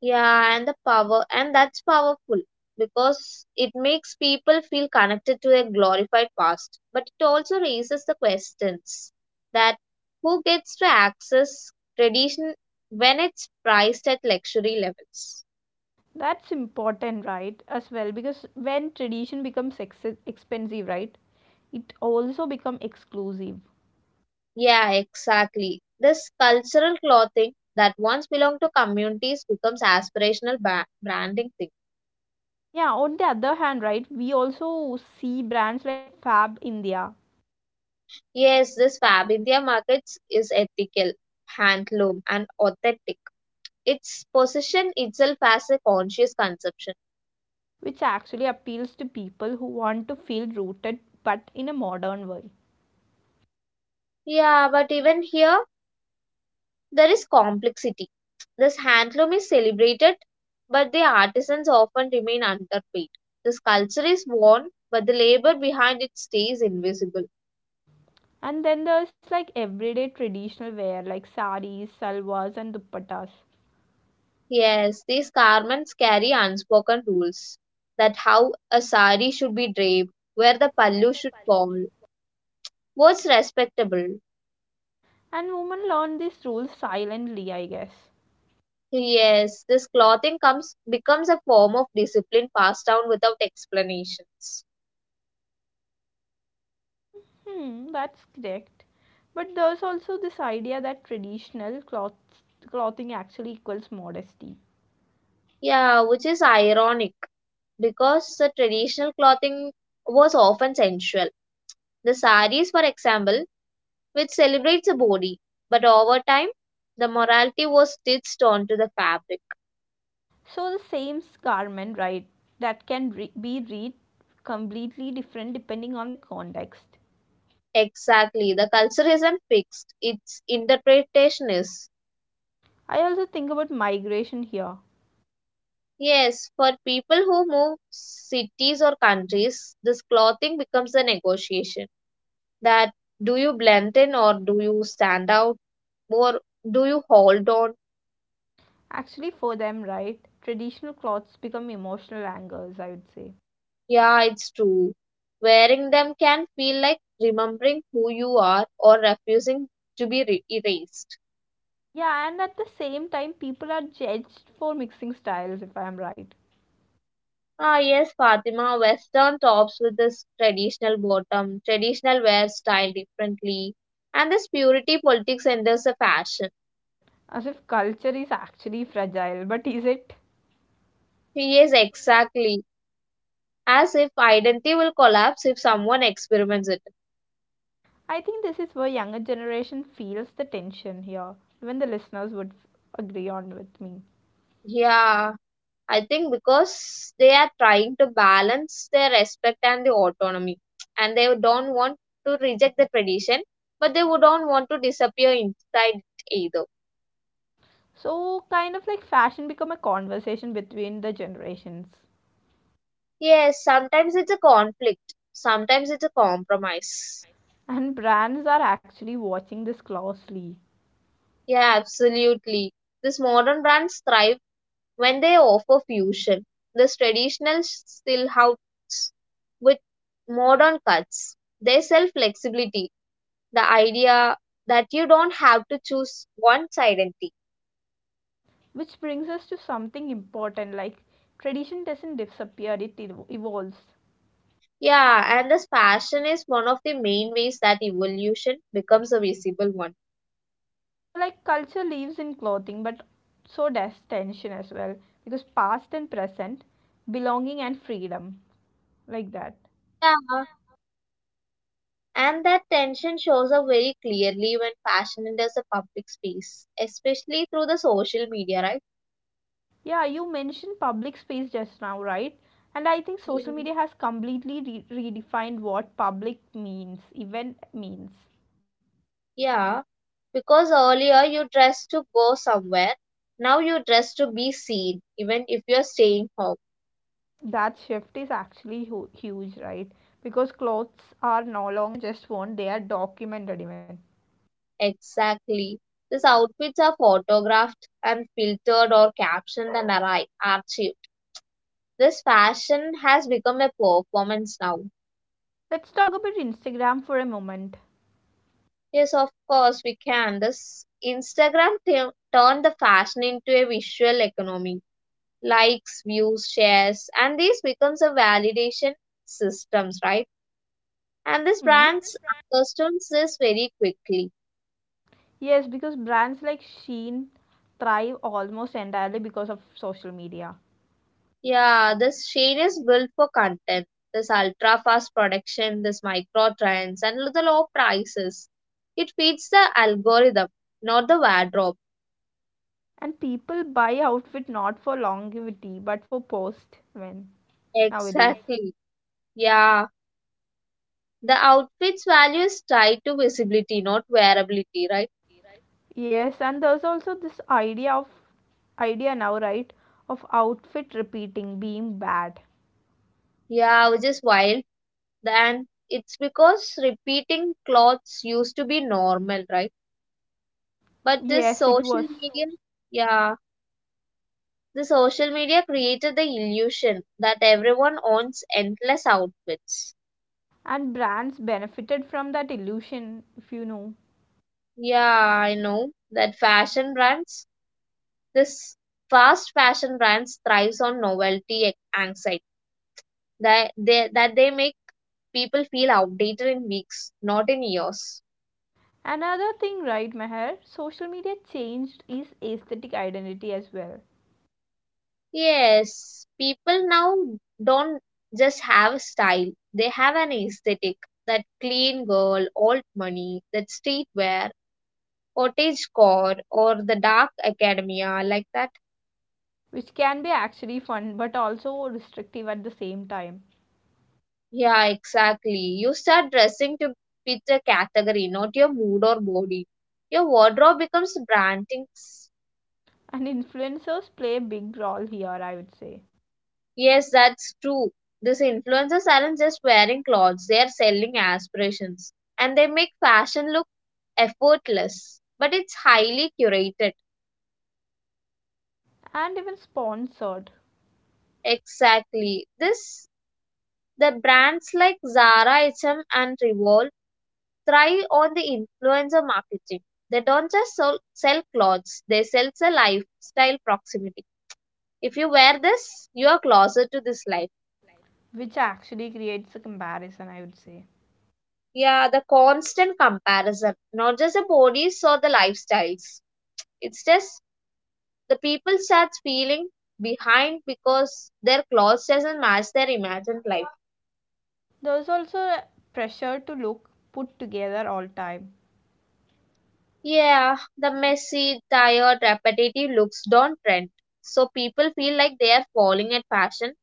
[SPEAKER 2] Yeah, and that's powerful because it makes people feel connected to a glorified past, but it also raises the questions that who gets to access tradition when it's priced at luxury levels.
[SPEAKER 1] That's important, right? As well, because when tradition becomes expensive, right? It also become exclusive.
[SPEAKER 2] Yeah, exactly. This cultural clothing that once belonged to communities becomes aspirational branding thing.
[SPEAKER 1] Yeah, on the other hand, right, we also see brands like Fab India,
[SPEAKER 2] Yes, this Fab India markets is ethical, handloom, and authentic. It's possession itself as a conscious conception.
[SPEAKER 1] which actually appeals to people who want to feel rooted but in a modern way.
[SPEAKER 2] Yeah, but even here there is complexity. This handloom is celebrated, but the artisans often remain underpaid. The sculpture is worn, but the labor behind it stays invisible.
[SPEAKER 1] And then there's like everyday traditional wear like saris, salwars, and dupattas.
[SPEAKER 2] Yes, these garments carry unspoken rules that how a sari should be draped, where the pallu should fall, what's respectable.
[SPEAKER 1] And women learn these rules silently, I guess.
[SPEAKER 2] Yes, this clothing comes becomes a form of discipline passed down without explanations.
[SPEAKER 1] Hmm, that's correct. But there's also this idea that traditional clothing actually equals modesty.
[SPEAKER 2] Yeah, which is ironic because the traditional clothing was often sensual. The saris, for example, which celebrates the body, but over time, the morality was stitched onto the fabric.
[SPEAKER 1] So the same garment, right, that can be read completely different depending on the context.
[SPEAKER 2] Exactly, the culture isn't fixed; its interpretation is.
[SPEAKER 1] I also think about migration here.
[SPEAKER 2] Yes, for people who move cities or countries, this clothing becomes a negotiation that do you blend in or do you stand out or do you hold on?
[SPEAKER 1] Actually, for them, right, traditional clothes become emotional angers, I would say.
[SPEAKER 2] Yeah, it's true. Wearing them can feel like remembering who you are or refusing to erased.
[SPEAKER 1] Yeah, and at the same time, people are judged for mixing styles, if I'm right.
[SPEAKER 2] Ah, yes, Fatima, Western tops with this traditional bottom, traditional wear style differently, and this purity politics enters the fashion.
[SPEAKER 1] As if culture is actually fragile, but is it?
[SPEAKER 2] Yes, exactly. As if identity will collapse if someone experiments it.
[SPEAKER 1] I think this is where younger generation feels the tension here. Even the listeners would agree on with me.
[SPEAKER 2] Yeah. I think because they are trying to balance their respect and the autonomy, and they don't want to reject the tradition, but they would don't want to disappear inside it either.
[SPEAKER 1] So, kind of like fashion become a conversation between the generations.
[SPEAKER 2] Yes, sometimes it's a conflict, sometimes it's a compromise.
[SPEAKER 1] And brands are actually watching this closely.
[SPEAKER 2] Yeah, absolutely. These modern brands thrive when they offer fusion. This traditional still helps with modern cuts. They sell flexibility the idea that you don't have to choose one identity.
[SPEAKER 1] Which brings us to something important, like tradition doesn't disappear, it evolves.
[SPEAKER 2] Yeah, and this passion is one of the main ways that evolution becomes a visible one.
[SPEAKER 1] Like culture lives in clothing, but so does tension as well, because past and present, belonging and freedom, like that.
[SPEAKER 2] Yeah, and that tension shows up very clearly when fashion enters a public space, especially through the social media, right?
[SPEAKER 1] Yeah, you mentioned public space just now, right? And I think social
[SPEAKER 2] Yeah.
[SPEAKER 1] media has completely redefined what public means, event means.
[SPEAKER 2] Yeah, because earlier you dressed to go somewhere, now you dress to be seen, even if you're staying home.
[SPEAKER 1] That shift is actually huge, right? Because clothes are no longer just worn, they are documented even.
[SPEAKER 2] Exactly. These outfits are photographed and filtered or captioned and archived. This fashion has become a performance now.
[SPEAKER 1] Let's talk about Instagram for a moment.
[SPEAKER 2] Yes, of course we can. This turned the fashion into a visual economy. Likes, views, shares, and this becomes a validation systems, right? And these
[SPEAKER 1] Hmm?
[SPEAKER 2] brands understands this very quickly.
[SPEAKER 1] Yes, because brands like Shein thrive almost entirely because of social media.
[SPEAKER 2] Yeah, this chain is built for content, this ultra fast production, this micro trends, and the low prices. It feeds the algorithm, not the wardrobe.
[SPEAKER 1] And people buy outfit not for longevity but for post when nowadays.
[SPEAKER 2] Exactly. Yeah, the outfit's value is tied to visibility, not wearability, right?
[SPEAKER 1] Yes, and there's also this idea of idea now, right? Of outfit repeating being bad.
[SPEAKER 2] Yeah, which is wild. And it's because repeating clothes used to be normal, right? But
[SPEAKER 1] Yes,
[SPEAKER 2] this
[SPEAKER 1] it was.
[SPEAKER 2] social media, yeah. The social media created the illusion that everyone owns endless outfits.
[SPEAKER 1] And brands benefited from that illusion, if you know.
[SPEAKER 2] Yeah, I know that fashion brands, this fast fashion brands thrives on anxiety that they make people feel outdated in weeks, not in years.
[SPEAKER 1] Another thing, right, Meher, social media changed is aesthetic identity as well,
[SPEAKER 2] Yes, people now don't just have a style, they have an aesthetic. That clean girl, old money, that streetwear, cottage core or the dark academia like that.
[SPEAKER 1] which can be actually fun but also restrictive at the same time.
[SPEAKER 2] Yeah exactly, you start dressing to fit the category not your mood or body, your wardrobe becomes branding.
[SPEAKER 1] And influencers play a big role here, I would say.
[SPEAKER 2] Yes that's true, these influencers aren't just wearing clothes they are selling aspirations and they make fashion look effortless but it's highly curated.
[SPEAKER 1] And even sponsored,
[SPEAKER 2] Exactly, this the brands like Zara, H&M, and M and revolve thrive on the influencer marketing. They don't just sell clothes, they sell a lifestyle proximity. If you wear this, you are closer to this life.
[SPEAKER 1] which actually creates a comparison, I would say.
[SPEAKER 2] Yeah, the constant comparison, not just the bodies or the lifestyles. It's just the people start feeling behind because their clothes doesn't match their imagined life.
[SPEAKER 1] There's also a pressure to look put together all time.
[SPEAKER 2] Yeah, the messy, tired, repetitive looks don't trend. So people feel like they are falling at fashion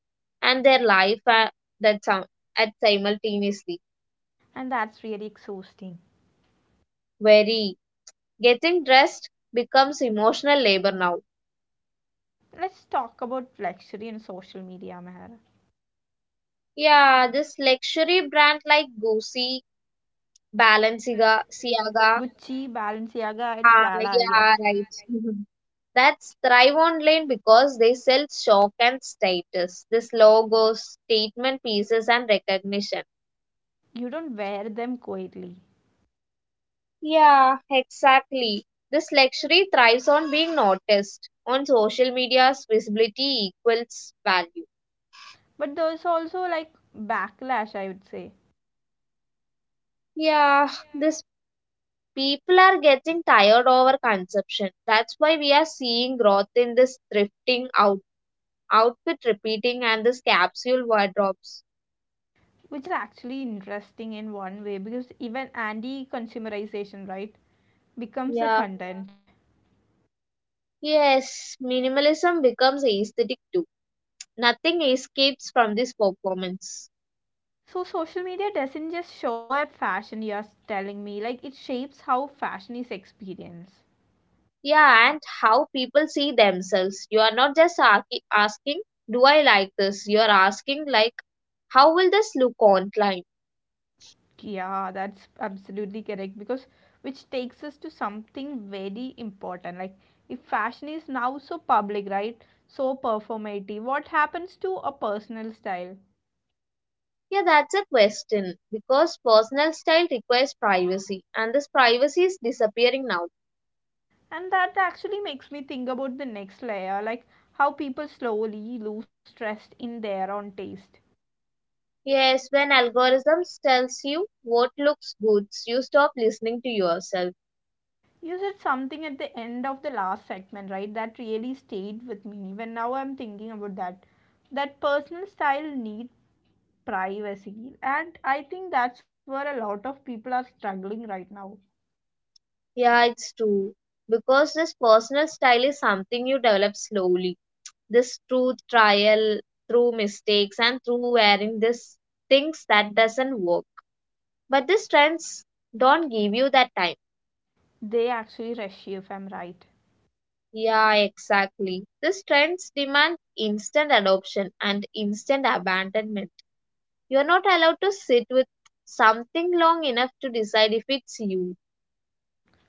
[SPEAKER 2] and their life at, that some, at simultaneously.
[SPEAKER 1] And that's really exhausting.
[SPEAKER 2] Very getting dressed becomes emotional labor now.
[SPEAKER 1] Let's talk about luxury and social media, Meher.
[SPEAKER 2] Yeah, this luxury brand like Gucci, Balenciaga, Siaga.
[SPEAKER 1] Gucci, Balenciaga, and
[SPEAKER 2] Ah,
[SPEAKER 1] Prada, I
[SPEAKER 2] yeah,
[SPEAKER 1] guess.
[SPEAKER 2] right. That's thrive online because they sell shock and status. This logos, statement pieces, and recognition.
[SPEAKER 1] You don't wear them quietly.
[SPEAKER 2] Yeah, exactly. This luxury thrives on being noticed. On social media's visibility equals value.
[SPEAKER 1] But there's also like backlash, I would say,
[SPEAKER 2] Yeah, this people are getting tired over consumption. That's why we are seeing growth in this thrifting out outfit repeating and this capsule wardrobes.
[SPEAKER 1] which is actually interesting in one way, because even anti consumerization, right, becomes a
[SPEAKER 2] Yeah.
[SPEAKER 1] content.
[SPEAKER 2] Yes, minimalism becomes aesthetic too. Nothing escapes from this performance.
[SPEAKER 1] So social media doesn't just show up fashion, you're telling me. Like it shapes how fashion is experienced.
[SPEAKER 2] Yeah, and how people see themselves. You are not just asking, do I like this? You are asking, how will this look online?
[SPEAKER 1] Yeah, that's absolutely correct because which takes us to something very important. Like if fashion is now so public, right? So performative, what happens to a personal style?
[SPEAKER 2] Yeah, that's a question because personal style requires privacy, and this privacy is disappearing now.
[SPEAKER 1] And that actually makes me think about the next layer, like how people slowly lose trust in their own taste.
[SPEAKER 2] Yes, when algorithms tells you what looks good, you stop listening to yourself.
[SPEAKER 1] You said something at the end of the last segment, right? That really stayed with me. When now I'm thinking about that, that personal style needs privacy, and I think that's where a lot of people are struggling right now.
[SPEAKER 2] Yeah, it's true because this personal style is something you develop slowly this through trial, through mistakes, and through wearing this things that doesn't work. But these trends don't give you that time.
[SPEAKER 1] They actually rush you, if I'm right.
[SPEAKER 2] Yeah, exactly. These trends demand instant adoption and instant abandonment. You're not allowed to sit with something long enough to decide if it's you.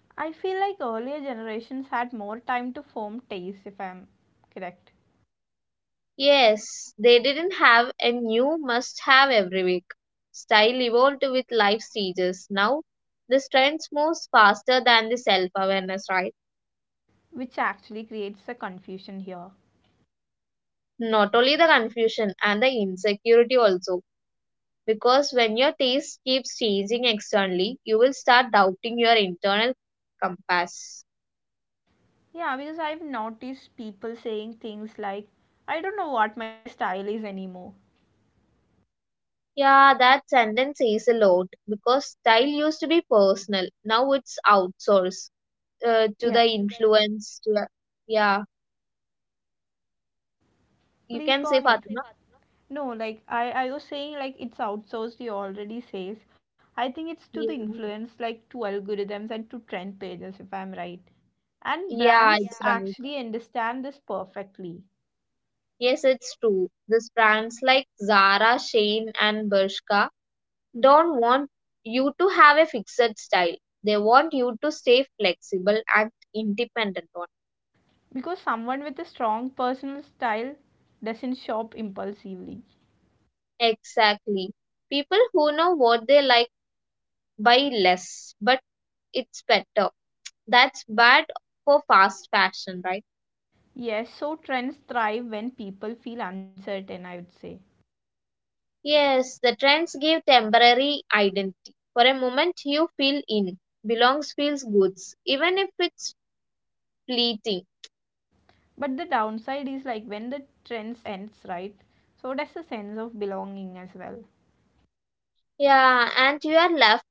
[SPEAKER 1] I feel like earlier generations had more time to form taste, if I'm correct.
[SPEAKER 2] Yes, they didn't have a new must have every week. Style evolved with life stages. Now, the trends moves faster than the self awareness, right?
[SPEAKER 1] Which actually creates a confusion here.
[SPEAKER 2] Not only the confusion and the insecurity also, because when your taste keeps changing externally you will start doubting your internal compass.
[SPEAKER 1] Yeah, because I've noticed people saying things like, I don't know what my style is anymore.
[SPEAKER 2] Yeah, that sentence says a lot because style used to be personal, now it's outsourced to
[SPEAKER 1] Yeah.
[SPEAKER 2] the influence to the, yeah, you
[SPEAKER 1] Please
[SPEAKER 2] can
[SPEAKER 1] go
[SPEAKER 2] say
[SPEAKER 1] ahead.
[SPEAKER 2] Fatima.
[SPEAKER 1] No, like I was saying, like it's outsourced, you already says. I think it's to the
[SPEAKER 2] Yeah.
[SPEAKER 1] influence, like to algorithms and to trend pages, if I'm right. And
[SPEAKER 2] Yeah,
[SPEAKER 1] brands
[SPEAKER 2] it's right.
[SPEAKER 1] actually understand this perfectly
[SPEAKER 2] Yes, it's true, these brands like Zara, Shane, and Bershka don't want you to have a fixed style. They want you to stay flexible and independent on.
[SPEAKER 1] because someone with a strong personal style doesn't shop impulsively.
[SPEAKER 2] Exactly. People who know what they like buy less, but it's better. That's bad for fast fashion, right?
[SPEAKER 1] Yes, so trends thrive when people feel uncertain, I would say.
[SPEAKER 2] Yes, the trends give temporary identity. For a moment, you feel in, belongs feels good, even if it's fleeting.
[SPEAKER 1] But the downside is like when the trends ends, right? So does the sense of belonging as well.
[SPEAKER 2] Yeah, and you are left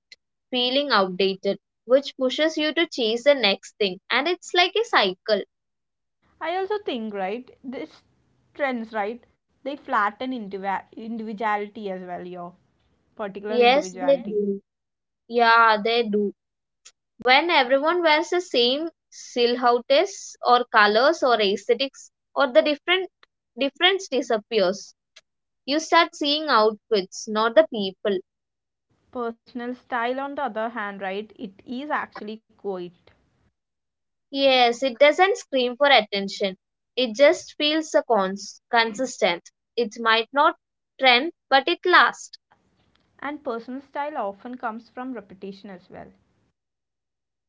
[SPEAKER 2] feeling outdated, which pushes you to chase the next thing. And it's like a cycle.
[SPEAKER 1] I also think, right, this trends, right, they flatten individuality as well, your particular
[SPEAKER 2] Yes, they
[SPEAKER 1] individuality.
[SPEAKER 2] do. Yeah, they do. When everyone wears the same silhouettes or colors or aesthetics or the different difference disappears. You start seeing outfits, not the people.
[SPEAKER 1] Personal style, on the other hand, right, it is actually quite.
[SPEAKER 2] Yes, it doesn't scream for attention. It just feels a consistent. It might not trend, but it lasts.
[SPEAKER 1] And personal style often comes from repetition as well.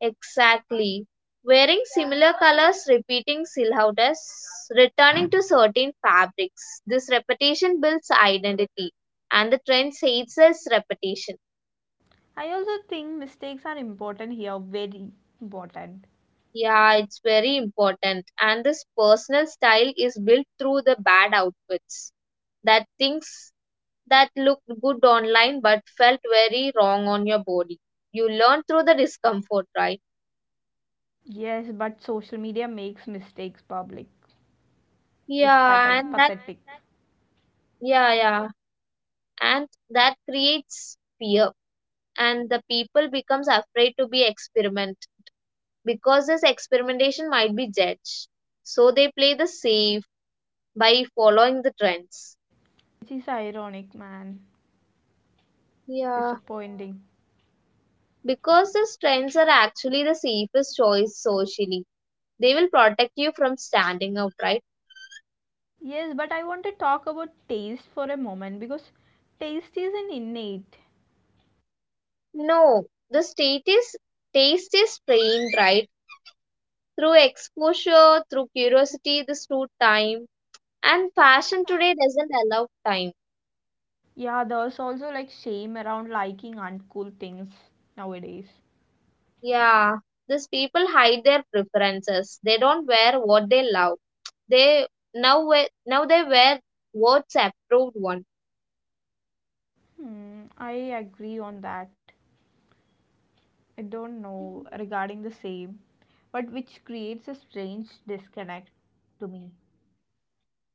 [SPEAKER 2] Exactly. Wearing similar colors, repeating silhouettes, returning to certain fabrics. This repetition builds identity, and the trend says us repetition.
[SPEAKER 1] I also think mistakes are important here, very important.
[SPEAKER 2] Yeah, it's very important. And this personal style is built through the bad outfits, that things that looked good online but felt very wrong on your body. You learn through the discomfort, right?
[SPEAKER 1] Yes, but social media makes mistakes public. It's
[SPEAKER 2] Yeah, and that,
[SPEAKER 1] pathetic.
[SPEAKER 2] yeah, yeah, and that creates fear and the people becomes afraid to be experiment because this experimentation might be judged, so they play the safe by following the trends.
[SPEAKER 1] Which is ironic, man.
[SPEAKER 2] Yeah.
[SPEAKER 1] Disappointing.
[SPEAKER 2] Because these trends are actually the safest choice socially, they will protect you from standing out, right?
[SPEAKER 1] Yes, but I want to talk about taste for a moment because taste is an innate.
[SPEAKER 2] No, the state is taste is trained, right? Through exposure, through curiosity, this through time, and fashion today doesn't allow time.
[SPEAKER 1] Yeah, there's also like shame around liking uncool things nowadays.
[SPEAKER 2] Yeah, these people hide their preferences. They don't wear what they love. They now wear, now they wear what's approved one.
[SPEAKER 1] Hmm, I agree on that. I don't know regarding the same, but which creates a strange disconnect to me.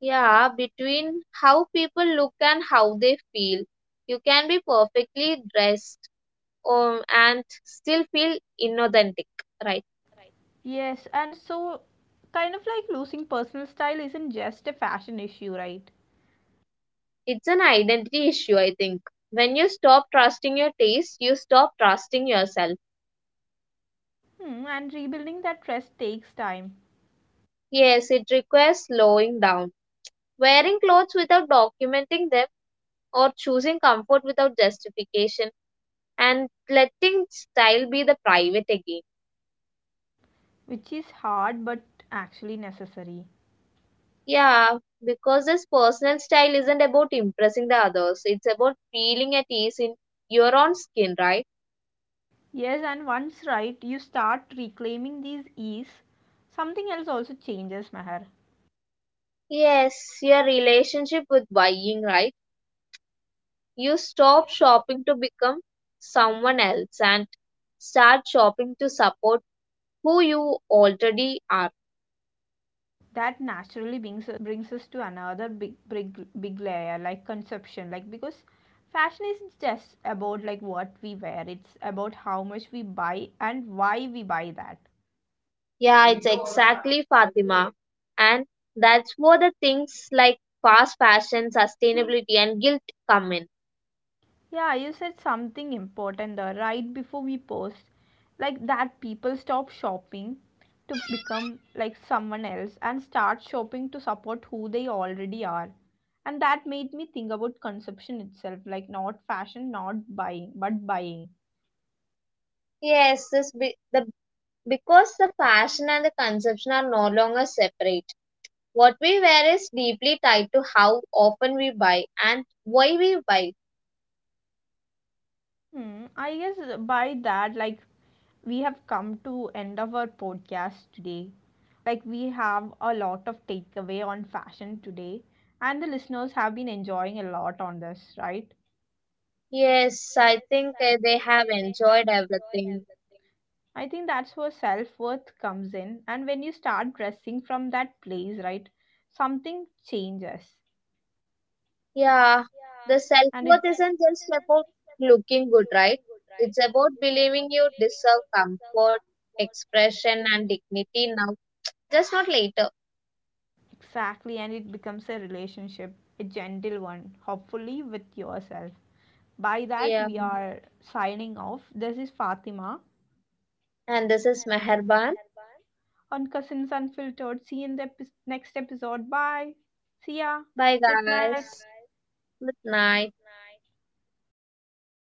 [SPEAKER 2] Yeah, between how people look and how they feel, you can be perfectly dressed and still feel inauthentic, right?
[SPEAKER 1] Yes, and so kind of like losing personal style isn't just a fashion issue, right?
[SPEAKER 2] It's an identity issue, I think. When you stop trusting your taste, you stop trusting yourself.
[SPEAKER 1] Hmm, and rebuilding that trust takes time,
[SPEAKER 2] Yes, it requires slowing down. Wearing clothes without documenting them or choosing comfort without justification and letting style be the private again.
[SPEAKER 1] which is hard but actually necessary.
[SPEAKER 2] Yeah, because this personal style isn't about impressing the others, it's about feeling at ease in your own skin, right?
[SPEAKER 1] Yes, and once, right, you start reclaiming these ease. Something else also changes, Meher.
[SPEAKER 2] Yes, your relationship with buying, right? You stop shopping to become someone else and start shopping to support who you already are.
[SPEAKER 1] That naturally brings us to another big layer, like conception, like because fashion isn't just about like what we wear; it's about how much we buy and why we buy that.
[SPEAKER 2] Yeah, it's exactly Fatima. And that's where the things like fast fashion, sustainability, and guilt come in.
[SPEAKER 1] Yeah, you said something important there right before we paused. Like that people stop shopping to become like someone else and start shopping to support who they already are. And that made me think about consumption itself, like not fashion, not buying, but buying.
[SPEAKER 2] Yes, the because the fashion and the consumption are no longer separate. What we wear is deeply tied to how often we buy and why we buy.
[SPEAKER 1] Hmm, I guess by that, like we have come to end of our podcast today. Like we have a lot of takeaway on fashion today, and the listeners have been enjoying a lot on this, right?
[SPEAKER 2] Yes, I think they have enjoyed everything.
[SPEAKER 1] I think that's where self worth comes in. And when you start dressing from that place, right, something changes.
[SPEAKER 2] Yeah, the
[SPEAKER 1] And it,
[SPEAKER 2] self-worth isn't just about looking good, right? It's about believing you deserve comfort, expression, and dignity now, just not later.
[SPEAKER 1] exactly, and it becomes a relationship, a gentle one, hopefully with yourself. By that,
[SPEAKER 2] Yeah.
[SPEAKER 1] we are signing off. This is Fatima
[SPEAKER 2] And this is Meherban.
[SPEAKER 1] on Cousins Unfiltered. See you in the next episode. Bye. See ya.
[SPEAKER 2] Bye,
[SPEAKER 1] Good night.
[SPEAKER 2] guys. Good night.